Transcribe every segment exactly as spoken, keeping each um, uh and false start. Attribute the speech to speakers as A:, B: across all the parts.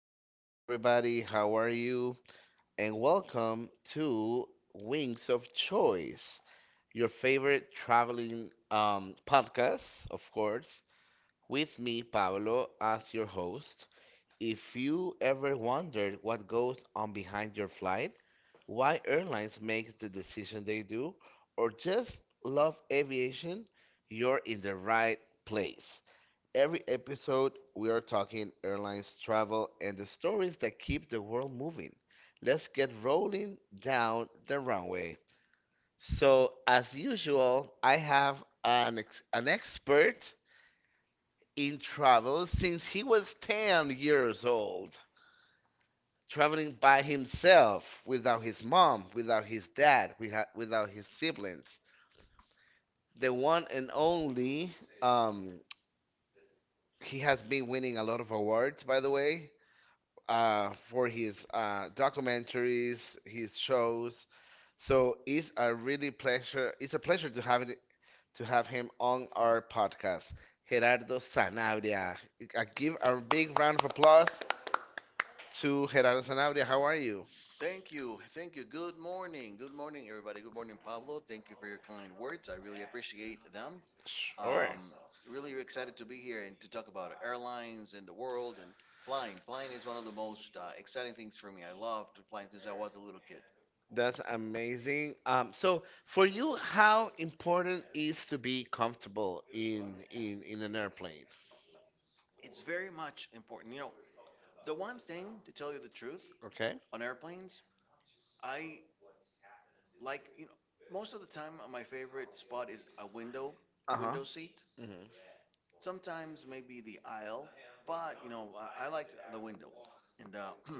A: Hello, hello, everybody. How are you? And welcome to Wings of Choice, your favorite traveling um, podcast, of course, with me, Pablo, as your host. If you ever wondered what goes on behind your flight, why airlines make the decision they do, or just love aviation, you're in the right place. Every episode, we are talking airlines, travel, and the stories that keep the world moving. Let's get rolling down the runway. So, as usual, I have an, ex- an expert in travel since he was ten years old, traveling by himself, without his mom, without his dad, without without his siblings. The one and only, um, he has been winning a lot of awards, by the way, uh, for his uh, documentaries, his shows. So it's a really pleasure. It's a pleasure to have it, to have him on our podcast, Gerardo Sanabria. I give a big round of applause to Gerardo Sanabria. How are you?
B: Good morning. Good morning, everybody. Good morning, Pablo. Thank you for your kind words. I really appreciate them.
A: Sure.
B: Um, Really excited to be here and to talk about airlines and the world and flying. Flying is one of the most uh, exciting things for me. I loved flying since I was a little kid.
A: That's amazing. Um, so for you, how important is to be comfortable in in in an airplane?
B: It's very much important. You know, the one thing, to tell you the truth,
A: Okay.
B: on airplanes, I like, you know, most of the time, uh, my favorite spot is a window,
A: Uh huh.
B: window seat.
A: hmm
B: Sometimes maybe the aisle, but you know, I, I like the window. And uh,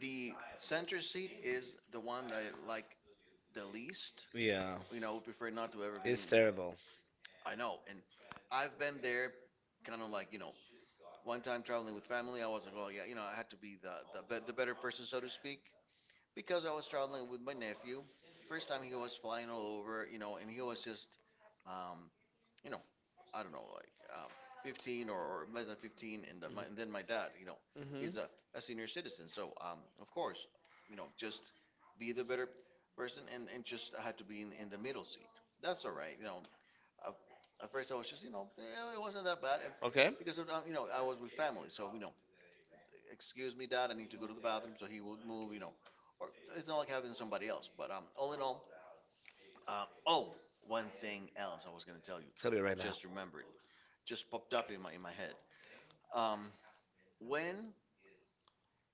B: the center seat is the one that I like the least.
A: Yeah.
B: You know, I would prefer not to ever be
A: It's
B: in.
A: terrible.
B: I know, and I've been there, kind of like you know, one time traveling with family, I was like, well, yeah, you know, I had to be the the, be- the better person, so to speak, because I was traveling with my nephew. First time he was flying all over, you know, and he was just. um, you know, I don't know, like um, fifteen or, or less than fifteen, and, the, my, and then my dad, you know, he's
A: Mm-hmm.
B: a, a senior citizen. So, um, of course, you know, just be the better person and, and just I had to be in, in the middle seat. That's all right. You know, at, at first I was just, you know, eh, it wasn't that bad. And
A: Okay.
B: because, of, um, you know, I was with family. So, you know, excuse me, dad, I need to go to the bathroom. So he would move, you know, or it's not like having somebody else. But um, all in all, um, oh, one thing else I was going to tell you.
A: Tell me right now.
B: Just remember, just popped up in my in my head. Um, when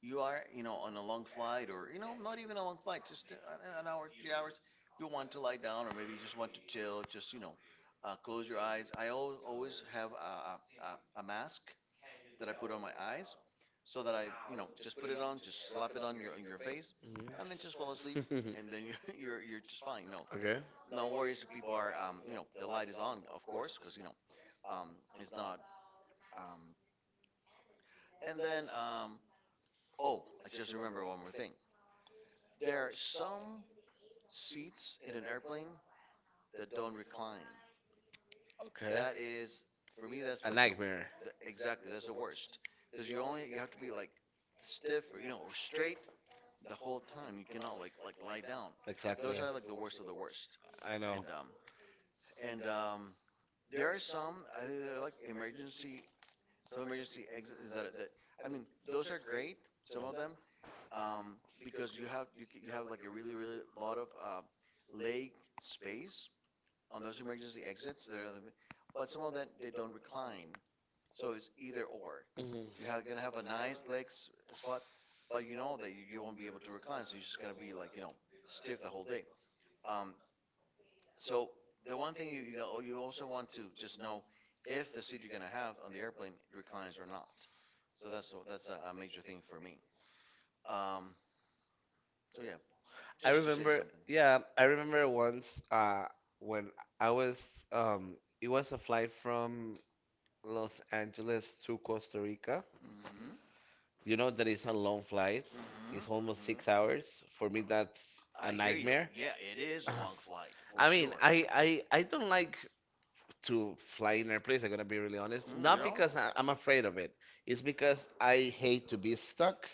B: you are, you know, on a long flight, or you know, not even a long flight, just a- an hour, three hours, you want to lie down, or maybe you just want to chill, just you know, uh, close your eyes. I always always have a, a a a mask that I put on my eyes, so that I, you know, just put it on, just slap it on your on your face,
A: Mhm.
B: and then just fall asleep, and then you're you're, you're just fine. No,
A: Okay.
B: no worries if people are, um, you know, the light is on, of course, because you know, um, it's not. Um, and then um, oh, I just remember one more thing. There are some seats in an airplane that don't recline.
A: Okay.
B: That is, for me, that's
A: A
B: like the,
A: nightmare.
B: the, exactly, that's the worst, because you only you have to be like stiff, or you know, or straight the whole time. You cannot like like lie down.
A: Those
B: Those
A: Exactly.
B: are like the worst of the worst.
A: I know.
B: And um and um there are some, I think they're like emergency, some emergency exits, that that I mean those are great, some of them, um, because you have you, you have like a really really lot of uh, leg space on those emergency exits. There, are, but some of them they don't recline, so it's either or.
A: And, um,
B: You
A: mhm.
B: have gonna have a nice leg s- spot, but you know that you, you won't be able to recline, so you're just gonna be like you know stiff the whole day. Um, so the one thing you you go- you also want to just know if the seat you're gonna have on the airplane reclines or not. So that's that's a, a major thing for me. Um, so yeah,
A: I
B: just to say
A: remember,
B: something.
A: yeah, I remember once uh when I was, um it was a flight from Los Angeles to Costa Rica.
B: Mm-hmm.
A: You know that it's a long flight.
B: Mm-hmm.
A: It's almost
B: Mm-hmm.
A: six hours. For me, that's I a
B: I hear you.
A: nightmare.
B: Yeah, it is a long flight for
A: I mean,
B: sure.
A: I, I, I don't like to fly in airplanes, I'm gonna be really honest.
B: Mm, you
A: Not
B: know?
A: because I, I'm afraid of it, it's because I hate to be stuck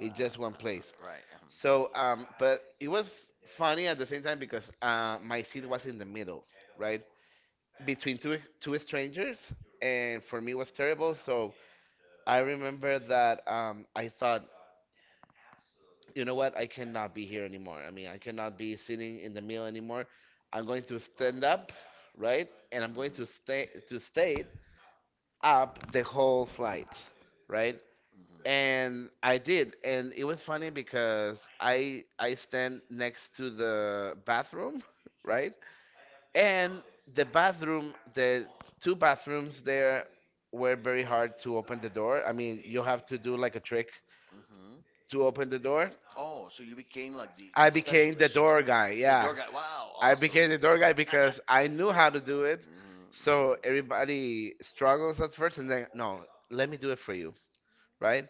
A: in
B: Uh,
A: just one
B: uh,
A: place.
B: right. Um,
A: So, um, but it was funny at the same time because uh, my seat was in the middle, right? Between two, two strangers, and for me it was terrible. So I remember that, um, I thought, you know what? I cannot be here anymore. I mean, I cannot be sitting in the mill anymore. I'm going to stand up, right? And I'm going
B: mm-hmm.
A: to stay to stay up the whole flight, right? And I did, and it was funny because I I stand next to the bathroom, right? And the bathroom, the two bathrooms there were very hard to open the door. I mean, you have to do like a trick
B: Mm-hmm.
A: to open the door.
B: Oh, so you became like the, I the
A: I
B: I
A: became the
B: specialist,
A: door guy,
B: the
A: yeah.
B: door guy. Wow, I
A: I
B: awesome.
A: became the door guy because I knew how to do
B: Do it.
A: it.
B: So hmm.
A: So everybody struggles at first, and then no, let me do it for you, right?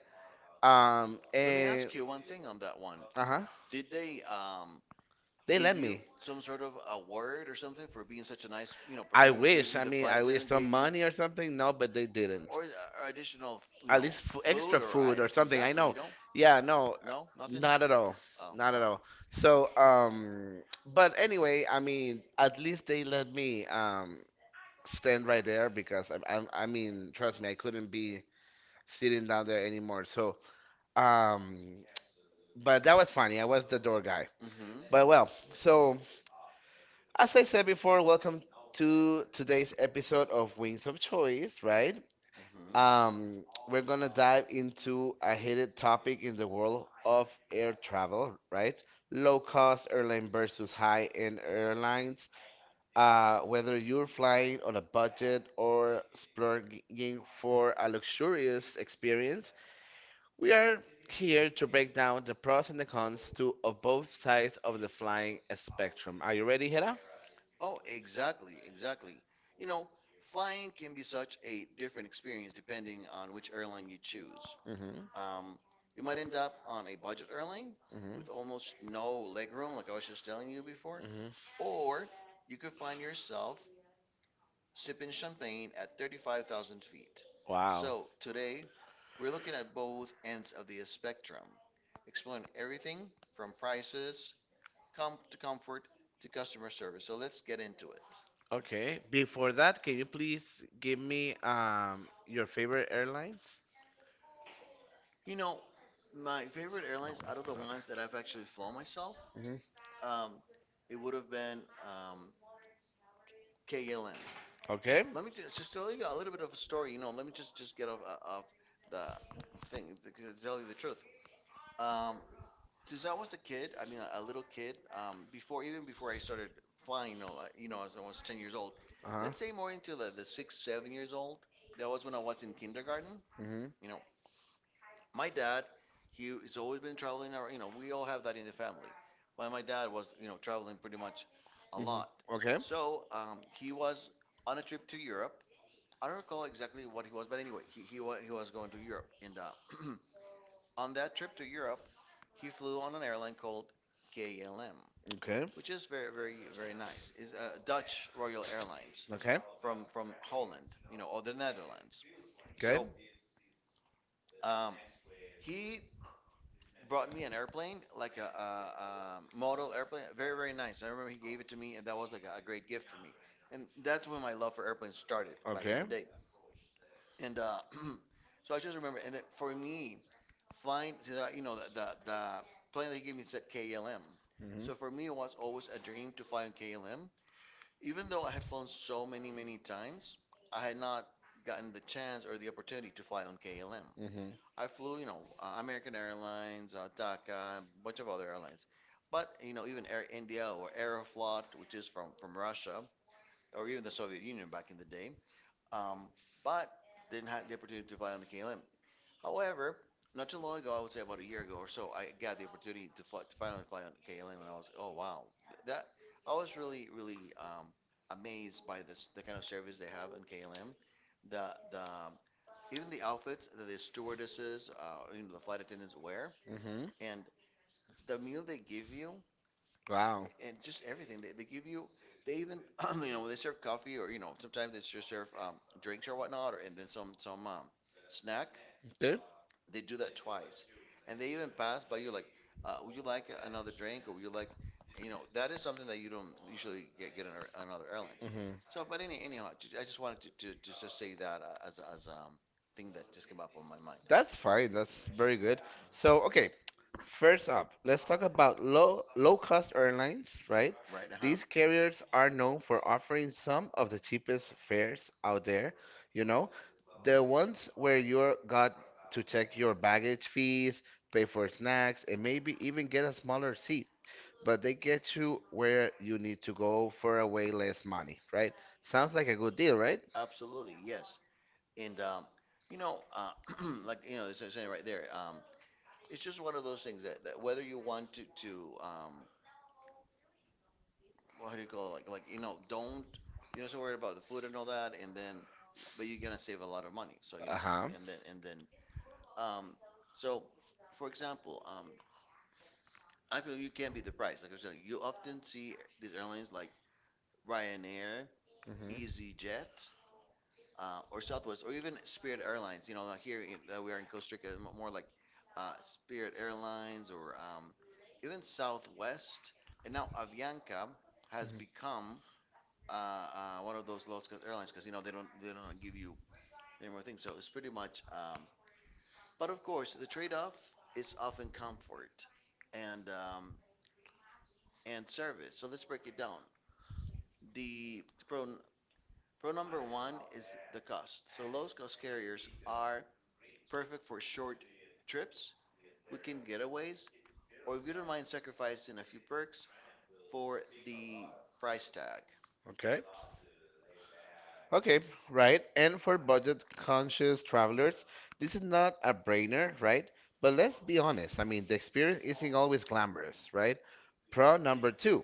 A: Um,
B: Let me
A: and
B: ask you one thing on that one.
A: uh huh,
B: Did they um,
A: they
B: give
A: let
B: you
A: me.
B: some sort of award or something for being such a nice, you know, person?
A: I
B: May-
A: wish.
B: Maybe
A: I
B: the
A: mean,
B: flight they
A: I wish
B: attendant us
A: some
B: gave you,
A: money or something. No, but they
B: didn't.
A: didn't.
B: or, or additional, you
A: At
B: know,
A: least
B: was
A: f-
B: food
A: extra
B: or I
A: food or something. I
B: exactly. You
A: know.
B: No, don't?
A: Yeah, no,
B: No, nothing.
A: not at all,
B: Oh, Not
A: not at
B: oh.
A: all. So, um, but anyway, I mean, at least they let me, um stand right there because I, I, I mean, trust me, I couldn't be sitting down there anymore. So, um, but that was funny. I was the door guy.
B: Mm-hmm.
A: But well, so as I said before, welcome to today's episode of Wings of Choice, right?
B: Mm-hmm.
A: Um, we're gonna dive into a heated topic in the world of air travel, right? Low cost airline versus high end airlines. Uh, whether you're flying on a budget or splurging for a luxurious experience, we are here to break down the pros and the cons to of both sides of the flying spectrum. Are you ready, Hera?
B: Oh, exactly, exactly. You know, flying can be such a different experience depending on which airline you choose.
A: Mm-hmm.
B: Um, you might end up on a budget airline
A: Mm-hmm.
B: with almost no legroom, like I was just telling you before,
A: Mm-hmm.
B: or you could find yourself sipping champagne at thirty-five thousand feet.
A: Wow.
B: So today, we're looking at both ends of the spectrum, exploring everything from prices, com to comfort to customer service. So let's get into it.
A: Okay. Before that, can you please give me, um your favorite airlines?
B: You know, my favorite airlines out of the ones that I've actually flown myself,
A: Mm-hmm.
B: um, it would have been um, K L M.
A: Okay.
B: Let me just, just tell you a little bit of a story. You know, let me just just get off uh, of the thing, because to tell you the truth. Um, since I was a kid, I mean a, a little kid, um, before, even before I started flying, you know, uh, you know, as I was ten years old.
A: Uh-huh.
B: Let's say more into the the six, seven years old. That was when I was in kindergarten.
A: Mm-hmm.
B: You know, my dad, he has always been traveling. Or, you know, we all have that in the family. But my dad was, you know, traveling pretty much a lot.
A: Okay.
B: So um, he was on a trip to Europe. I don't recall exactly what he was, but anyway, he he, wa- he was going to Europe. And uh, on that trip to Europe, he flew on an airline called K L M,
A: Okay.
B: which is very very very nice. Is uh, Dutch Royal Airlines
A: Okay.
B: from from Holland, you know, or the Netherlands.
A: Okay.
B: So um, he brought me an airplane, like a, a, a model airplane, very very nice. I remember he gave it to me, and that was like a, a great gift for me. And that's when my love for airplanes started back in
A: Okay.
B: the day. And uh, so I just remember, and it, for me, flying, so that- you know, the, the the plane that he gave me said K L M. So for
A: Mm-hmm.
B: me, it was always a dream to fly on K L M. Even though I had flown so many many times, I had not gotten the chance or the opportunity to fly on K L M.
A: Mm-hmm.
B: I flew, you know, uh, American Airlines, uh, D A C A, a bunch of other airlines. But, you know, even Air India or Aeroflot, which is from, from Russia, or even the Soviet Union back in the day. Um, but didn't have the opportunity to fly on the K L M. However, not too long ago, I would say about a year ago or so, I got the opportunity to fly, to finally fly on K L M, and I was, oh wow, that I was really, really um, amazed by this the kind of service they have in K L M, the the um, even the outfits that the stewardesses, uh, you know, the flight attendants wear,
A: Mm-hmm.
B: and the meal they give you,
A: Wow.
B: and just everything they, they give you. They even, you know, when they serve coffee, or you know, sometimes they just serve um, drinks or whatnot, or and then some some um, snack.
A: Okay.
B: They do that twice, and they even pass by you like, uh, would you like another drink, or would you like, you know, that is something that you don't usually get get in a- another airlines.
A: Mm-hmm.
B: So, but any anyhow, ju- I just wanted to to, to just say that uh, as a- as um thing that just came up on my mind.
A: That's fine. That's very good. So, okay, first up, let's talk about low low-cost airlines, right?
B: Right? Uh huh.
A: These carriers are known for offering some of the cheapest fares out there, you know, the ones where you got to check your baggage fees, pay for snacks, and maybe even get a smaller seat. But they get you where you need to go for a way less money, right? Sounds like a good deal, right?
B: Absolutely, yes. And um, you know, uh, like you know, as I was saying right there, um, it's just one of those things that, that whether you want to to um, what do you call it, like like you know, don't you know, so worried about the food and all that, and then but you're gonna save a lot of money. So you know,
A: Uh-huh.
B: and then and then um, so for example, um, I feel you can be the price. Like I was saying, you often see these airlines like Ryanair,
A: hmm
B: EasyJet, uh, or Southwest, or even Spirit Airlines. You know, like here in, that we are in Costa Rica, m- more like uh, Spirit Airlines or um, even Southwest. And now Avianca has become uh, uh, one of those low cost airlines, because you know they don't they don't give you any more things. So it's pretty much. Um, but of course, the trade off is often comfort and um, and service. So let's break it down. The pro pro number one is the cost. So low cost carriers are perfect for short trips, weekend getaways, or if you don't mind sacrificing a few perks for the price tag.
A: Okay. Okay, right. And for budget-conscious travelers, this is not a brainer, right? But let's be honest. I mean, the experience isn't always glamorous, right? Pro number two,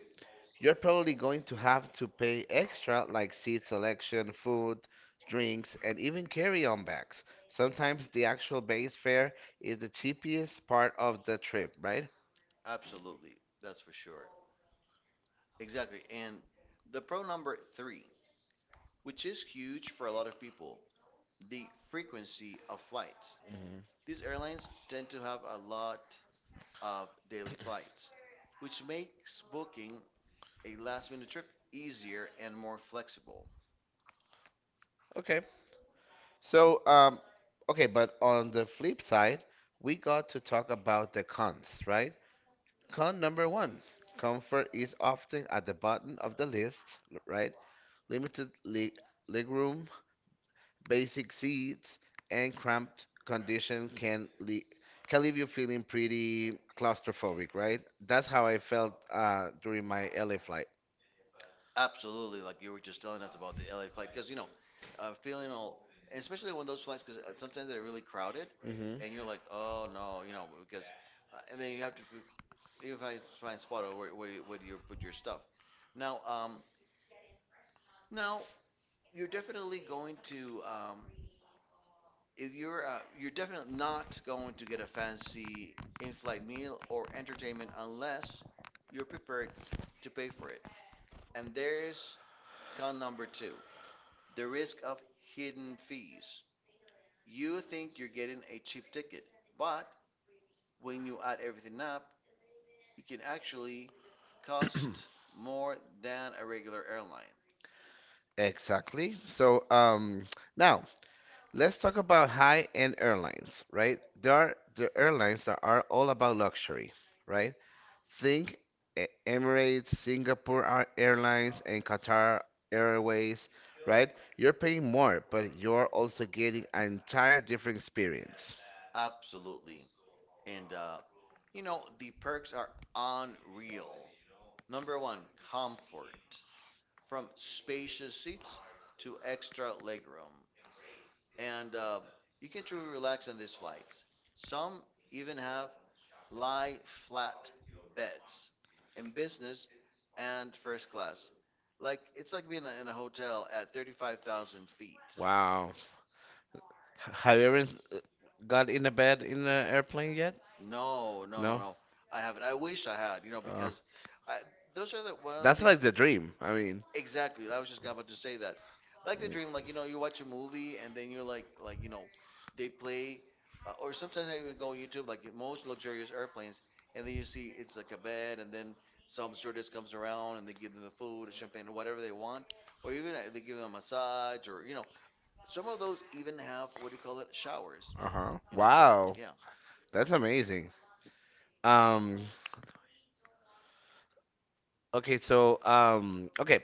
A: you're probably going to have to pay extra like seat selection, food, drinks, and even carry-on bags. Sometimes the actual base fare is the cheapest part of the trip, right?
B: Absolutely, that's for sure. Exactly. And the pro number three, which is huge for a lot of people, the frequency of flights.
A: Mhm.
B: These airlines tend to have a lot of daily flights, which makes booking a last minute trip easier and more flexible.
A: Okay. So, um, okay, but on the flip side, we got to talk about the cons, right? Con number one, comfort is often at the bottom of the list, l- right? Limited leg, legroom, basic seats, and cramped condition can le- can leave you feeling pretty claustrophobic, right? That's how I felt, uh, during my L A flight.
B: Absolutely, like you were just telling us about the L A flight, because you know, uh, feeling all, and especially when those flights, because sometimes they're really crowded,
A: Hmm
B: and you're like, oh no, you know, because, uh, and then you have to even find find spot or where where you, where do you put your stuff. Now, um, now you're definitely going to, um, If you're uh, you're definitely not going to get a fancy in-flight meal or entertainment unless you're prepared to pay for it, and there's con number two, the risk of hidden fees. You think you're getting a cheap ticket, but when you add everything up, you can actually cost more than a regular airline.
A: Exactly. So, um, now let's talk about high-end airlines, right? There are the airlines that are all about luxury, right? Think E- Emirates, Singapore Ar- Airlines, and Qatar Airways, right? You're paying more, but you're also getting an entire different experience.
B: Absolutely. And, uh, you know, the perks are unreal. Number one, comfort. From spacious seats to extra legroom. And uh, you can truly relax on these flights. Some even have lie flat beds in business and first class. Like it's like being in a hotel at thirty-five thousand feet.
A: Wow. H- Have you ever, uh, got in a bed in an airplane yet?
B: No, no, no,
A: No?
B: no. I haven't. I wish I had, you know,
A: Uh,
B: because I, those are the one of the
A: that's like
B: things.
A: the dream. I mean.
B: Exactly. I was just about to say that. Like the dream, like you know, you watch a movie and then you're like, like you know, they play, uh, or sometimes I even go on YouTube, like most luxurious airplanes, and then you see it's like a bed, and then some stewardess comes around and they give them the food, or champagne, or whatever they want, or even uh, they give them a massage, or you know, some of those even have what do you call it, showers,
A: Uh-huh.
B: you know. So
A: Wow.
B: yeah. Uh,
A: That's amazing. Um okay, so um okay,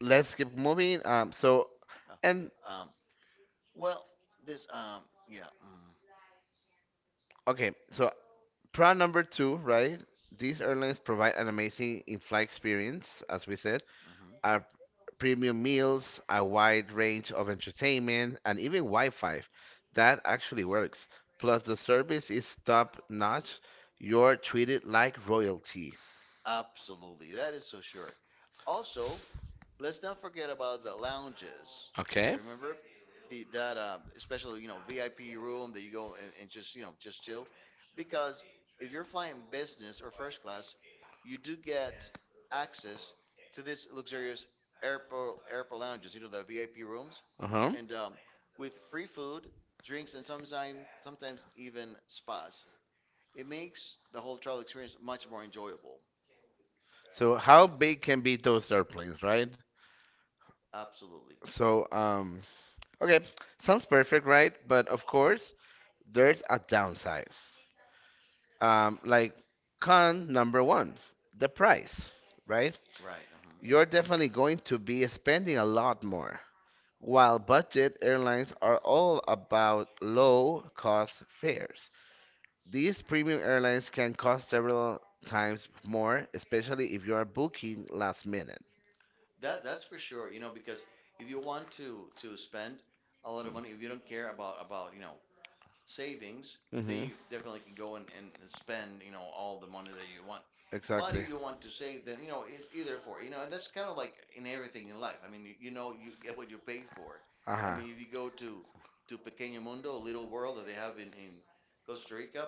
A: let's keep moving. Um so and
B: Um, well, this, um, yeah, mm,
A: Okay, so proud number two, right? These airlines provide an amazing in-flight experience, as we said,
B: mhm.
A: are premium meals, a wide range of entertainment, and even Wi-Fi. That actually works. Plus the service is top-notch. You're treated like royalty.
B: Absolutely. That is so sure. Also, let's not forget about the lounges.
A: Okay?
B: Remember the that um, especially you know V I P room that you go and, and just you know just chill, because if you're flying business or first class, you do get access to these luxurious airport airport lounges. You know the V I P rooms
A: Uh-huh.
B: and um, with free food, drinks, and sometimes sometimes even spas. It makes the whole travel experience much more enjoyable.
A: So how big can be those airplanes, right?
B: Absolutely
A: So, um, okay, sounds perfect, right? But of course, there's a downside. Um, like con number one, the price, right?
B: right.
A: You're
B: Mhm.
A: definitely going to be spending a lot more. While budget airlines are all about low cost fares, these premium airlines can cost several times more, especially if you are booking last minute.
B: That that's for sure, you know, because if you want to to spend a lot of money, if you don't care about about, you know, savings, then
A: Mm-hmm.
B: you definitely can go and, and spend, you know, all the money that you
A: Why
B: want.
A: do
B: But
A: exactly.
B: if you want to
A: do
B: save, then, you know, it's either for, you know, and that's kind of like in everything in life. I mean, you, you know, you get what you pay for. I
A: Ajá.
B: mean, if you go to, to Pequeño Mundo, a little world that they have in, in Costa Rica,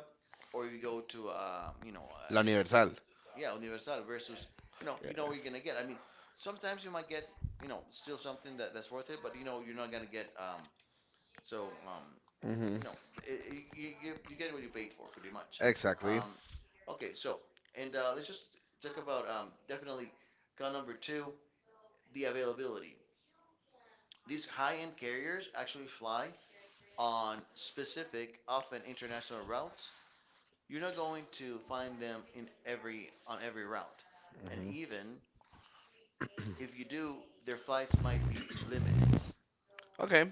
B: or you go to, um, you know,
A: La
B: an expense,
A: Universal.
B: yeah, Universal versus, you know, you know
A: Yeah.
B: what you're going to get. I mean, sometimes you might get, you know, still something that, that's worth it, but, you know, you're not going to get, um, so um,
A: Mhm.
B: no, i- i- you, you, you get what you paid for, pretty much.
A: Exactly.
B: Um, okay, so, and uh, let's just talk about um, definitely count number two, the availability. These high-end carriers actually fly on specific, often international routes. You're not going to find them in every on every route, and
A: hmm
B: even if you do, their flights might be limited.
A: Okay.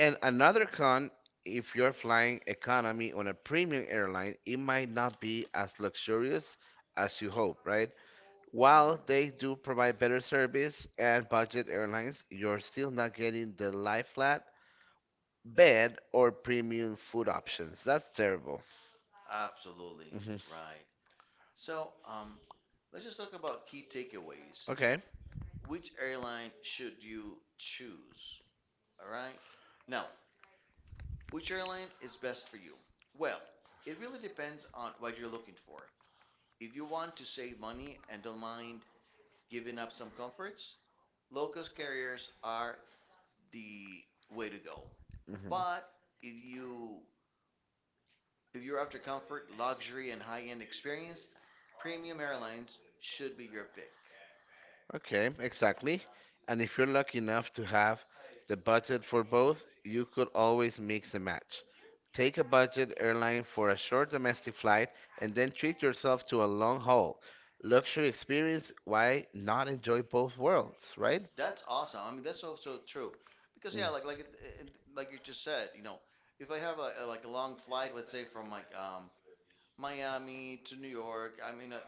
A: And another con, if you're flying economy on a premium airline, it might not be as luxurious as you hope, right? While
B: Mhm.
A: they do provide better service and budget airlines, you're still not getting the lie flat bed or premium food options. That's terrible.
B: Absolutely
A: Hmm
B: right. So, um, let's just talk about key takeaways.
A: Okay.
B: Which airline should you choose? All right. Now, which airline is best for you? Well, it really depends on what you're looking for. If you want to save money and don't mind giving up some comforts, low cost carriers are the way to go. But if you if you're after comfort, luxury, and high end experience, premium airlines should be your pick.
A: Okay, exactly. And if you're lucky enough to have the budget for both, you could always mix and match. Take a budget airline for a short domestic flight and then treat yourself to a long haul luxury experience. Why not enjoy both worlds, right?
B: That's awesome. I mean, that's also true because yeah, like like it, it, like you just said, you know, if I have a, a- like a long flight, let's say from like um Miami to New York, I mean a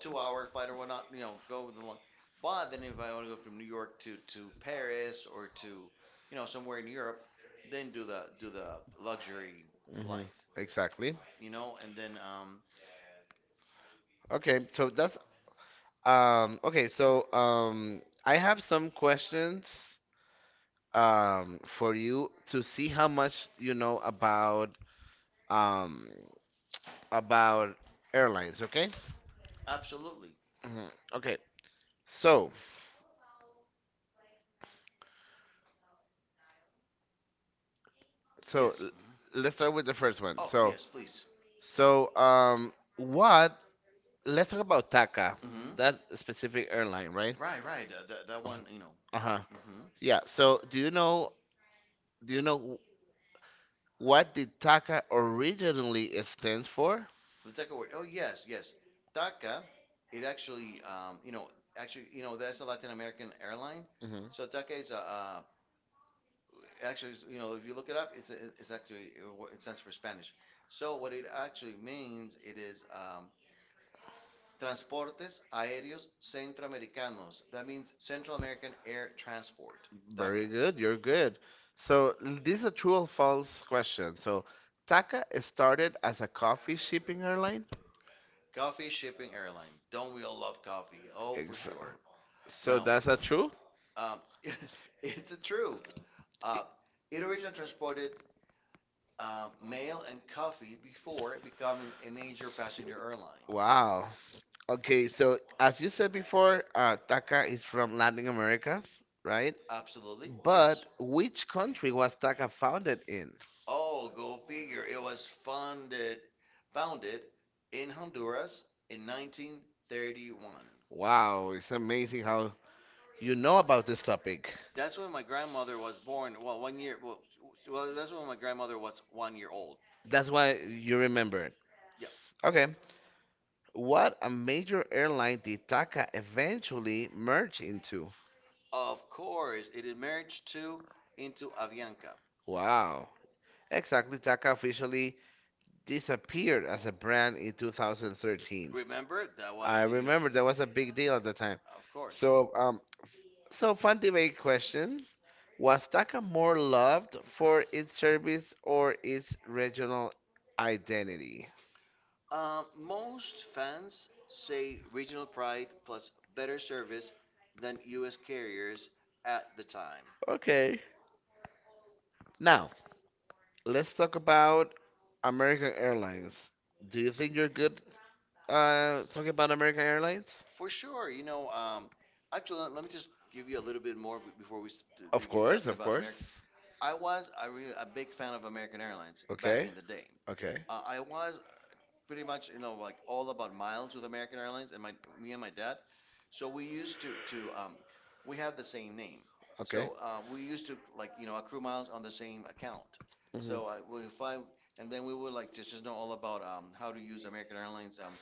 B: two hour flight or whatnot, you know, go with the long. But then if I want to go from New York to to Paris or to you know somewhere in Europe, then do the do the luxury
A: hmm
B: flight,
A: Exactly.
B: you know, and then um
A: Okay, so that's, um okay, so um I have some questions, um for you to see how much you know about, um about airlines, okay?
B: absolutely.
A: Mhm. Okay. So, so
B: Yes,
A: l-
B: mhm.
A: let's start with the first one.
B: Oh
A: So,
B: yes, please.
A: so um, what? Let's talk about Taka,
B: Hmm.
A: that specific airline, right?
B: Right, right. That, that, that one, you know.
A: Uh-huh.
B: Hmm.
A: Yeah. So, do you know? Do you know what the Taka originally stands for?
B: The Taka word. Oh, yes, yes. Taka, it actually, um, you know, actually, you know, that's a Latin American airline.
A: Hmm
B: So Taka is a, uh, actually, is- you know, if you look it up, it's a, it's actually uh, wh- it stands for Spanish. So what it actually means, it is um, Transportes Aéreos Centroamericanos. That means Central American Air Transport. Taka.
A: Very good. You're good. So, l- this is a true or false question. So, Taka started as a coffee shipping airline.
B: Coffee shipping airline. Don't we all love coffee? Oh, for
A: Exactly.
B: sure.
A: So
B: Now,
A: that's not true?
B: um, it's a true. Uh, it originally transported um, mail and coffee before becoming a major passenger airline.
A: Wow. Okay, so as you said before, uh, Taka is from Latin America, right?
B: Absolutely, yes.
A: But which country was Taka founded in?
B: Oh, go figure. It was founded founded in Honduras in nineteen thirty-one.
A: Wow, it's amazing how you know about this topic.
B: That's when my grandmother was born. Well, one year. Well, well, that's when my grandmother was one year old.
A: That's why you remember it.
B: Yep.
A: Okay. What a major airline did Taka eventually merge into?
B: Of course, it emerged too into Avianca.
A: Wow. Exactly, Taka officially disappeared as a brand in two thousand thirteen.
B: Remember that was
A: I
B: when you,
A: remember that was a big deal at the time.
B: of course.
A: So, um, so fun debate question. Was Taka more loved for its service or its regional identity?
B: Um, most fans say regional pride plus better service than U S carriers at the time.
A: Okay. Now, let's talk about American Airlines. Do you think you're good, uh, talking about American Airlines?
B: For sure, you know. Um, actually, let, let me just give you a little bit more be- before we s- t-
A: Of
B: begin
A: course,
B: talking
A: of
B: about America.
A: course.
B: I was a, really, a big fan of American Airlines back
A: Okay,
B: in the day.
A: okay,
B: Uh, I was pretty much you know like all about miles with American Airlines and my me and my dad. So we used to to um, we have the same name.
A: okay.
B: So uh, we used to like you know accrue miles on the same account.
A: Mhm.
B: So I would if I and then we would like just just know all about um, how to use American Airlines um,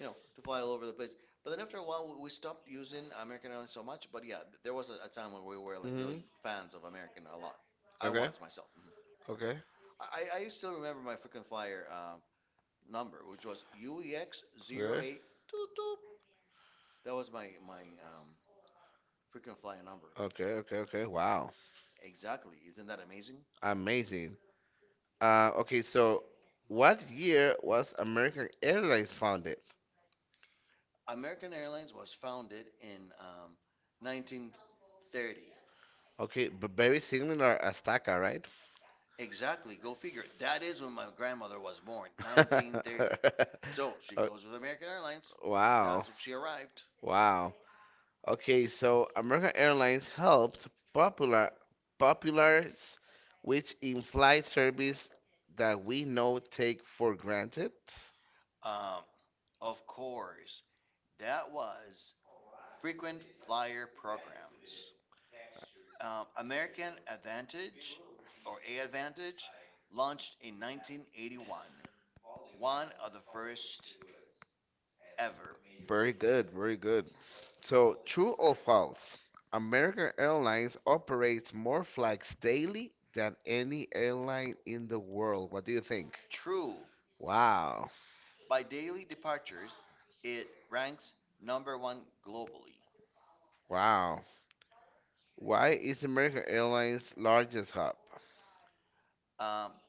B: you know to fly all over the place. But then after a while we, we stopped using American Airlines so much. But yeah, th- there was a, a time where we were like really
A: Mhm.
B: fans of American a lot. I
A: Okay.
B: was myself. Mhm.
A: Okay.
B: I, I still remember my frequent flyer uh, number, which was U E X
A: Okay.
B: zero eight two two. That was my my um, frequent flyer number.
A: Okay. Okay. Okay. Wow.
B: Exactly. Isn't that amazing?
A: Amazing. Uh, okay. So, what year was American Airlines founded?
B: American Airlines was founded in um, nineteen thirty.
A: Okay, but very similar Azteca, right?
B: Exactly. Go figure. That is when my grandmother was born, nineteen thirty. So she
A: Oh,
B: goes with American Airlines.
A: wow.
B: That's when she arrived.
A: Okay, so American Airlines helped popular popularize which in-flight service that we know take for granted.
B: Um, of course, that was frequent flyer programs. Um, American Advantage or A Advantage launched in nineteen eighty-one, one of the first ever.
A: Very good, very good. So, true or false? American Airlines operates more flights daily than any airline in the world. What do you think?
B: True,
A: Wow,
B: by daily departures, it ranks number one globally.
A: wow. Why is American Airlines largest hub?
B: Um,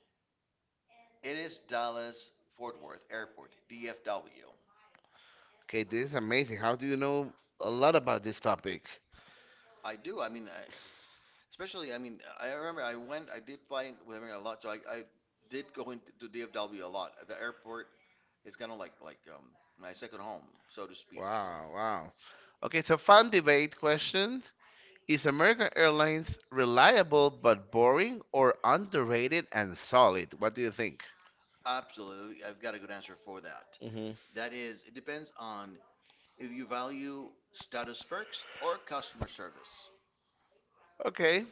B: it is Dallas Fort Worth Airport, D F W.
A: Okay, this is amazing. How do you know a lot about this topic?
B: I do. I mean, I, especially, I mean, I remember I went, I did fly with American a lot, so I, I did go into to D F W a lot. The airport is kind of like like um, my second home, so to speak.
A: Wow, wow. Okay, so fun debate question. Is American Airlines reliable but boring or underrated and solid? What do you think?
B: Absolutely, I've got a good answer for that.
A: Hmm
B: That is, it depends on if you value status perks or customer service.
A: Okay,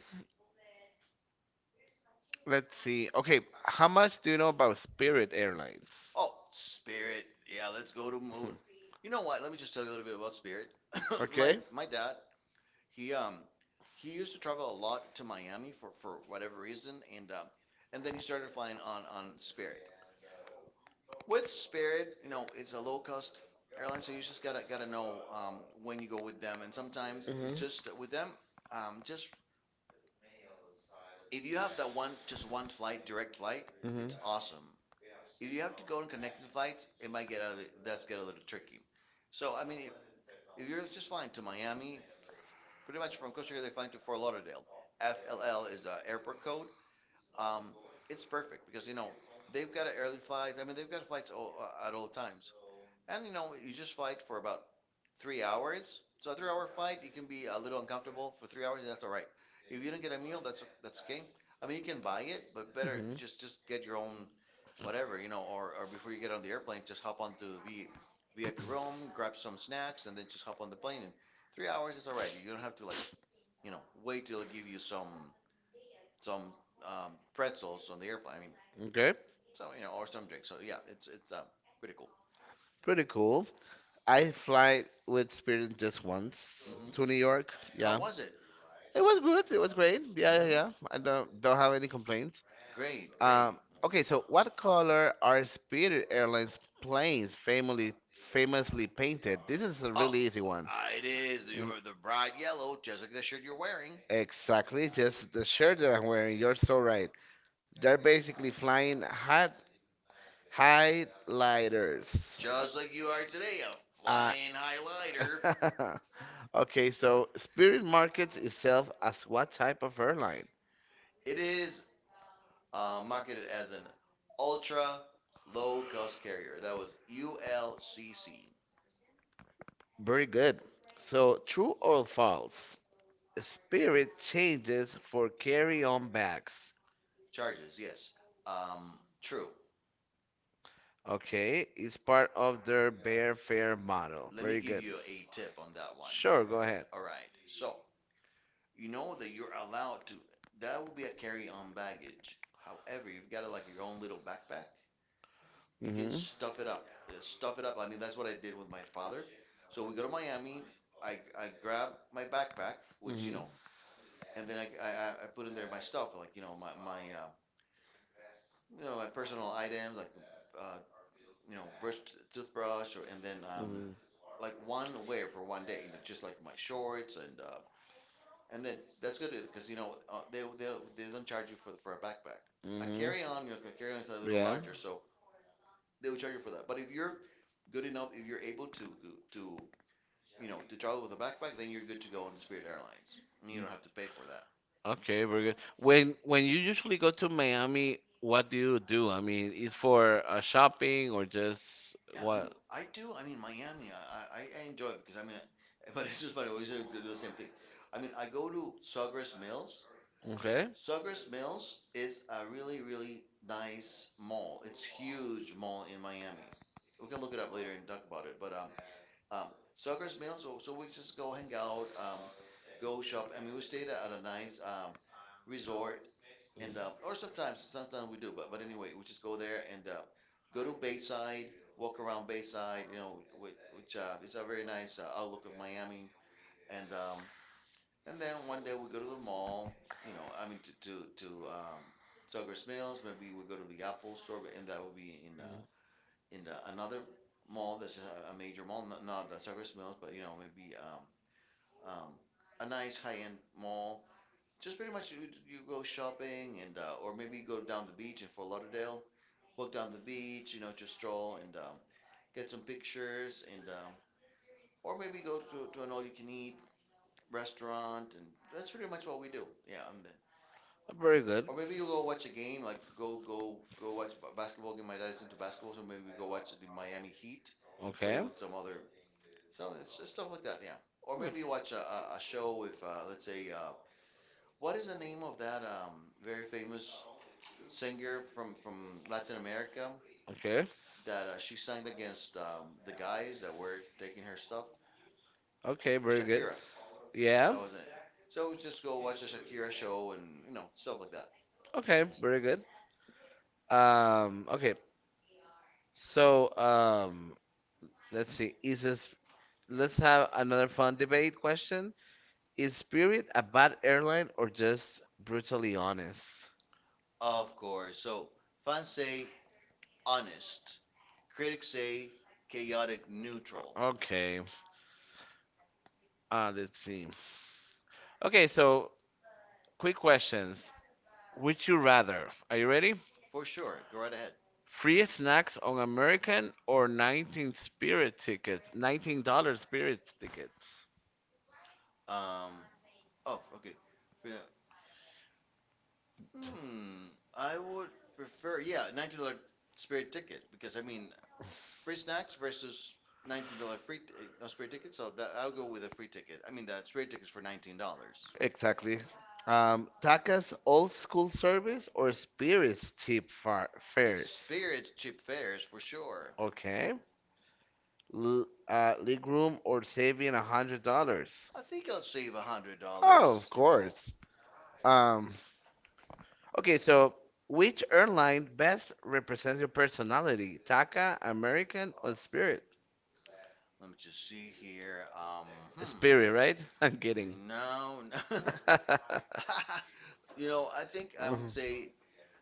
A: let's see. Okay, how much do you know about Spirit Airlines?
B: Oh, Spirit. Yeah, let's go to move.
A: Mhm.
B: You know what? Let me just tell you a little bit about Spirit. my
A: Okay.
B: my dad, he um he used to travel a lot to Miami for for whatever reason, and um and then he started flying on on Spirit. With Spirit, you know, it's a low cost airline, so you just gotta gotta know um when you go with them, and sometimes it's
A: hmm
B: just with them um, just if you have that one, just one flight, direct flight,
A: hmm
B: it's awesome. If you have to go on connecting flights, it might get a, that's get a little tricky. So I mean, if, if you're just flying to Miami, pretty much from Costa Rica, they're flying to Fort Lauderdale. F L L is a airport code. Um, it's perfect because you know they've got a early flights. I mean, they've got flights all, uh, at all times, and you know you just fly it for about three hours. So a three-hour flight, you can be a little uncomfortable for three hours, and that's all right. If you don't get a meal, that's that's okay. I mean, you can buy it, but better
A: hmm
B: just just get your own whatever, you know, or or before you get on the airplane, just hop onto the V I P room, grab some snacks, and then just hop on the plane. And three hours is all right. You don't have to like, you know, wait till they give you some some um, pretzels on the airplane. I mean,
A: Okay,
B: so you know, or some drinks. So yeah, it's it's um, pretty cool.
A: pretty cool. I fly with Spirit just once
B: Hmm.
A: to New York.
B: How
A: Yeah.
B: was it?
A: It was good. It was great. Yeah, yeah,
B: Hmm.
A: yeah. I don't don't have any complaints.
B: Great,
A: Um,
B: great.
A: okay, so what color are Spirit Airlines planes famously famously painted? This is a
B: Oh,
A: really easy one.
B: uh, it is. You
A: Mm.
B: remember the bright yellow, just like the shirt you're wearing.
A: Exactly, just the shirt that I'm wearing. You're so right. They're basically flying hot highlighters.
B: Just like you are today, a
A: Uh,
B: flying highlighter.
A: Okay, so Spirit markets itself as what type of airline?
B: It is uh, marketed as an ultra low cost carrier. That was U L C C.
A: Very good. So, true or false? Spirit changes for carry-on bags.
B: Charges, yes. Um, true.
A: Okay, it's part of their Bear Fare model.
B: Let me
A: Very
B: give
A: good.
B: you a tip on that one.
A: Sure, go ahead.
B: All right. So, you know that you're allowed to. That will be a carry-on baggage, however you've got a, like your own little backpack you
A: Mhm.
B: can
A: Mhm.
B: stuff it up uh, stuff it up I mean, that's what I did with my father. So we go to Miami. i, I grab my backpack, which you know and then I, I, I- put in there my stuff, like you know my, my um, you know my personal items, like uh, you know brush toothbrush. Or And then um, like one wear for one day, you know, just like my shorts and uh, And then that's good because you know uh, they they they don't charge you for the, for a backpack. A
A: Mhm.
B: carry-on, you know, a carry-on is a little
A: Mhm.
B: larger, so they will charge you for that. But if you're good enough, if you're able to to you know to travel with a backpack, then you're good to go on Spirit Airlines. And you don't have to pay for that.
A: that. Okay, very good. When when you usually go to Miami, what do you do? I mean, is for, uh, shopping or just
B: Yeah, I mean, I do. I mean, Miami, I I, I enjoy it because I mean, but it's just funny. We should do the same thing. I mean, I go to Sawgrass Mills.
A: do. okay.
B: Sugars Mills is a really, really nice mall. It's huge mall in Miami. We can look it up later and talk about it. But um, um, Sugars Mills, so, so we just go hang out, um, go shop. I mean, we stayed at a nice um, resort, and uh, or sometimes sometimes we do. But but anyway, we just go there and uh, go to Bayside, walk around Bayside. You know, which, which uh, is a very nice uh, outlook of Miami. And um, and then one day we go to the mall. You know, I mean to to to um, Sugars Mills. Maybe we go to the Apple Store, but and that would be in uh,
A: Uh,
B: in the, another mall that's just a, a major mall, not, not the Sugars Mills, but you know maybe um, um, a nice high-end mall. Just pretty much you, you go shopping and uh, or maybe go down the beach in Fort Lauderdale, walk down the beach, you know, just stroll and um, get some pictures and um, or maybe go to, to an all-you-can-eat restaurant, and that's pretty much what we do. Yeah, and then
A: very good.
B: or maybe you go watch a game, like go go go watch b- basketball game. My dad is into basketball, so maybe we go watch the Miami Heat play
A: Okay.
B: with some other, some it's just stuff like that. Yeah. Or maybe you watch a, a, a show with, uh, let's say, uh, what is the name of that um, very famous singer from from Latin America
A: Okay.
B: that, uh, she sang against, um, the guys that were taking her stuff.
A: Okay, very good.
B: Shakira.
A: Yeah.
B: That was it. So just go watch a Shakira show, and you know stuff like that.
A: Okay, very good. Um, okay. So, um, let's see. Is this, let's have another fun debate question. Is Spirit a bad airline or just brutally honest?
B: Of course. So fans say honest. Critics say chaotic neutral.
A: Okay. Uh, let's see. Okay, so quick questions. Would you rather? Are you ready?
B: For sure. Go right ahead.
A: Free snacks on American or nineteen Spirit tickets? nineteen dollars Spirit tickets.
B: Um. Oh, okay. For, hmm. I would prefer. Yeah, nineteen dollar spirit ticket, because I mean, free snacks versus nineteen dollar free, t- eh, no spirit ticket. So that I'll go with a free ticket. I mean, the spirit tickets for nineteen dollars.
A: Exactly. Um, Taka's old school service or Spirit's cheap far
B: It's
A: fares?
B: spirits cheap fares for sure.
A: Okay. L uh, league room or saving a hundred dollars?
B: I think I'll save a hundred
A: Oh, of
B: dollars.
A: course. Um, okay, so which airline best represents your personality? Taka, American, or Spirit?
B: Let me just see here. Um,
A: Spirit, right? I'm kidding.
B: hmm. No, no. You know, I think I would
A: Mhm.
B: say,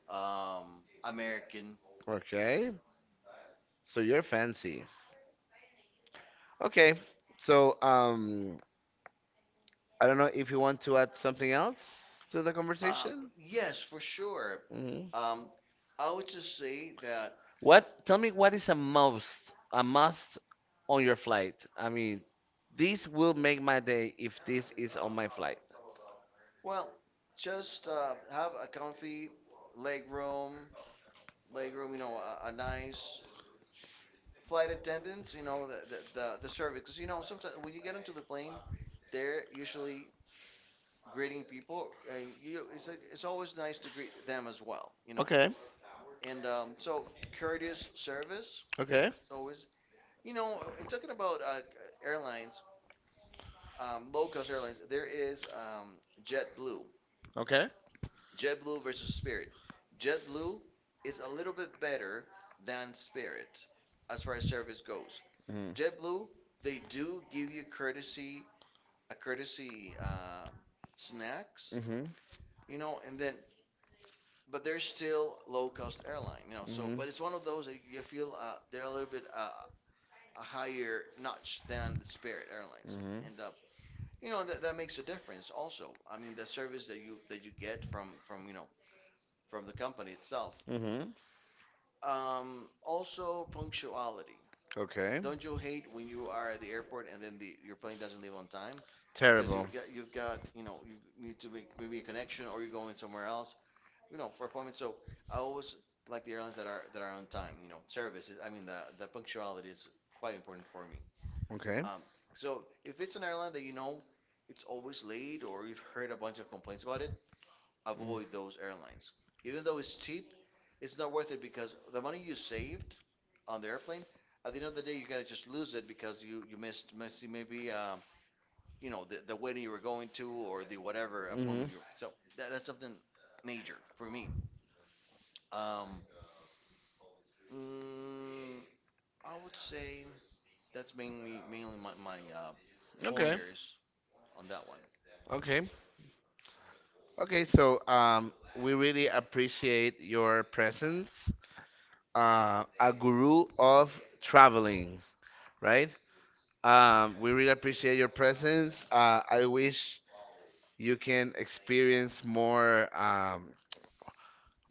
B: um, American.
A: Okay, so you're fancy. Okay, so, um, I don't know if you want to add something else to the
B: Uh,
A: conversation.
B: yes, for sure.
A: Hmm
B: Um, I would just say that,
A: What? Tell me what is a must, a must on your flight. I mean, this will make my day if this is on my flight.
B: well, just uh, have a comfy leg room, leg room, you know, a, a nice flight attendants, you know, the, the, the, the service. Because, you know, sometimes when you get into the plane, they're usually greeting people, and you it's like, it's always nice to greet them as well, you know.
A: Okay,
B: And um, so, courteous service,
A: okay,
B: it's always you know. uh, Talking about, uh, airlines, um, low cost airlines, there is, um, JetBlue.
A: okay.
B: JetBlue versus Spirit. JetBlue is a little bit better than Spirit as far as service goes. JetBlue, they do give you courtesy a courtesy, um, snacks,
A: Mm-hmm. Mm-hmm.
B: you know, and then but they're still low cost airline, you know. So, but it's
A: Mm-hmm.
B: one of those that you feel, uh, they're a little bit, uh, a higher notch than the Spirit Airlines,
A: Mm-hmm.
B: and uh, you know, that, that makes a difference. Also, I mean, the service that you that you get from from you know from the company itself.
A: Mm-hmm.
B: Um, also, punctuality.
A: Okay.
B: Don't you hate when you are at the airport and then the your plane doesn't leave on time, because
A: Terrible.
B: you've got you've got you know you need to make maybe a connection or you're going somewhere else, you know, for appointments. So I always like the airlines that are that are on time. You know, services. I mean, the the punctuality is quite important for me.
A: Okay.
B: Um, so, if it's an airline that, you know, it's always late or you've heard a bunch of complaints about it, avoid those airlines. Even though it's cheap, it's not worth it, because the money you saved on the airplane, at the end of the day, you're gonna just lose it because you you missed missed maybe, um, you know the, the wedding you were going to or the whatever
A: hmm
B: appointment you. So that, that's something major for me. Um, Mm, I would say that's mainly mainly my, my uh,
A: Okay.
B: pointers on that one.
A: Okay. Okay. So, um, we really appreciate your presence. Uh, a guru of traveling, right? Um, we really appreciate your presence. Uh, I wish you can experience more, um,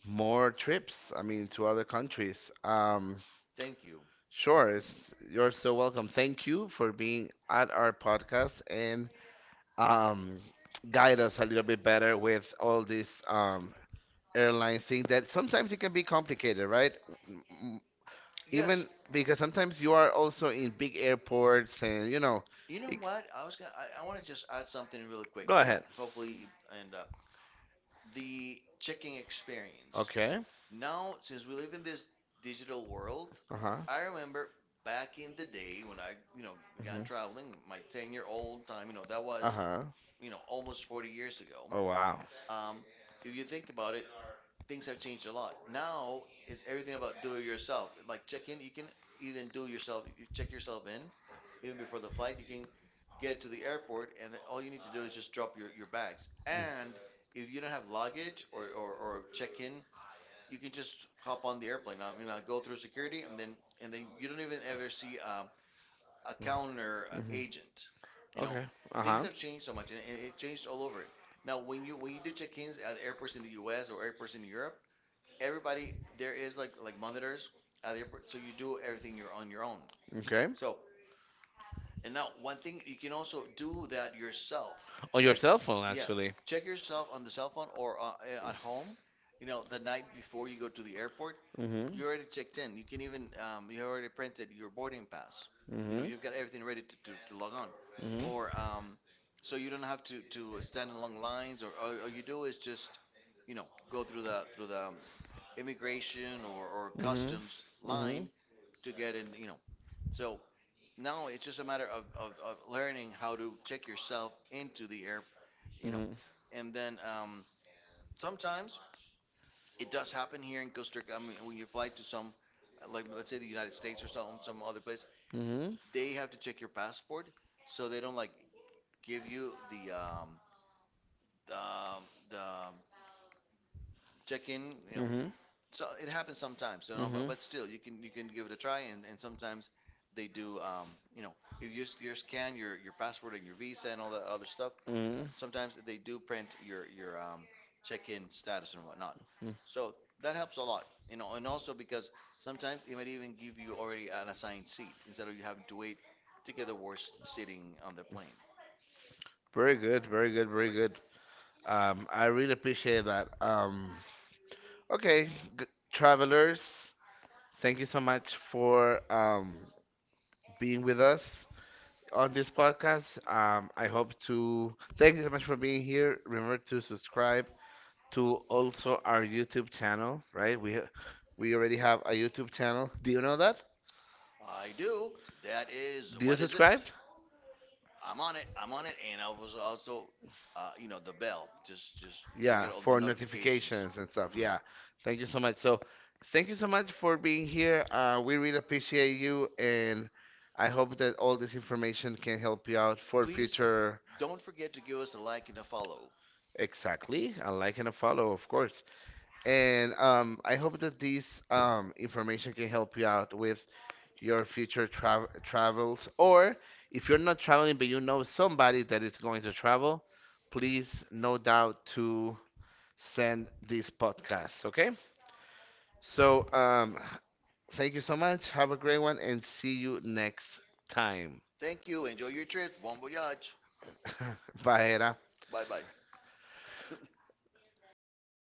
A: more trips. I mean, to other countries. Um,
B: Thank you.
A: sure. It's, you're so welcome. Thank you for being at our podcast and, um, guide us a little bit better with all these, um, airline things that sometimes it can be complicated, right? M- m-
B: Yes,
A: Even because sometimes you are also in big airports and you know.
B: you know
A: it-
B: what? I was gonna, I, I want to just add something really quick.
A: Go
B: You know,
A: ahead.
B: hopefully it end up the checking experience.
A: Okay.
B: Now, since we live in this digital world,
A: Uh huh.
B: I remember back in the day when I, you know, began
A: hmm
B: traveling, my ten-year-old time, you know, that
A: Uh
B: was,
A: huh.
B: you know, almost forty years ago.
A: Oh wow.
B: Um, if you think about it, things have changed a lot. Now it's everything about do it yourself. Like check in, you can even do yourself. You check yourself in, even before the flight. You can get to the airport, and then all you need to do is just drop your, your bags. And if you don't have luggage, or, or, or check in, you can just hop on the airplane. I mean, I go through security, and then and then you don't even ever see, um, a counter
A: Mhm.
B: agent. You know,
A: Okay. Uh
B: things
A: huh.
B: have changed so much, and it it changed all over. Now, when you when you do check-ins at airports in the U S or airports in Europe, everybody there is like like monitors at the airport, so you do everything, you're on your own.
A: Okay.
B: So and now one thing you can also do that yourself,
A: On your
B: like,
A: cell phone,
B: yeah,
A: actually.
B: check yourself on the cell phone or, uh, uh, at home. You know, the night before you go to the airport,
A: Mm-hmm.
B: you already checked in. You can even um, you already printed your boarding pass. You know,
A: Mm-hmm.
B: you've got everything ready to, to, to, log on, or
A: Mm-hmm.
B: um, so you don't have to to stand in long lines, or all, all you do is just you know go through the through the um, immigration or, or
A: Mm-hmm. custom
B: customs line to get in, you know. So now it's just a matter of, of, of, learning how to check yourself into the air, you know.
A: Mm-hmm.
B: And then, um, sometimes it does happen here in Costa Rica. I mean, when you fly to some, like let's say, the United States or some some other place,
A: Mm-hmm.
B: they have to check your passport, so they don't like give you the, um, the, um, the check-in, you
A: Mm-hmm.
B: know,
A: Mm-hmm.
B: so it happens sometimes, you know, but,
A: Mm-hmm.
B: but still you can you can give it a try, and, and sometimes they do, um, you know, if you just you scan your, your passport and your visa and all that other stuff,
A: Mm-hmm.
B: sometimes they do print your your um, check-in status and whatnot,
A: Mm.
B: so that helps a lot, you know. And also, because sometimes it might even give you already an assigned seat instead of you having to wait to get the worst sitting on the plane,
A: Very good, very good, very
B: right?
A: good. Um, I really appreciate that. Um, okay, g travelers, thank you so much for, um, being with us on this podcast. Um, I hope to thank you so much for being here. Remember to subscribe to also our YouTube channel, right? We ha- we already have a YouTube channel. Do you know that?
B: I do. That is
A: Do you
B: what is it?
A: subscribe?
B: I'm on it. I'm on it, and I was also, uh, you know, the bell just just to
A: Yeah,
B: get all the
A: for
B: notifications.
A: notifications and stuff.
B: Hmm.
A: Yeah. Thank you so much. So, thank you so much for being here. Uh, we really appreciate you, and I hope that all this information can help you out for
B: Please
A: future.
B: don't forget to give us a like and a follow.
A: Exactly. A like and a follow, of course. And, um, I hope that this, um, information can help you out with your future tra- travels. Or if you're not traveling, but you know somebody that is going to travel, please, no doubt, to send this podcast. Okay. So, um, thank you so much. Have a great one and see you next time.
B: Thank you. Enjoy your trip. Bon voyage.
A: Bye, Era.
B: Bye bye.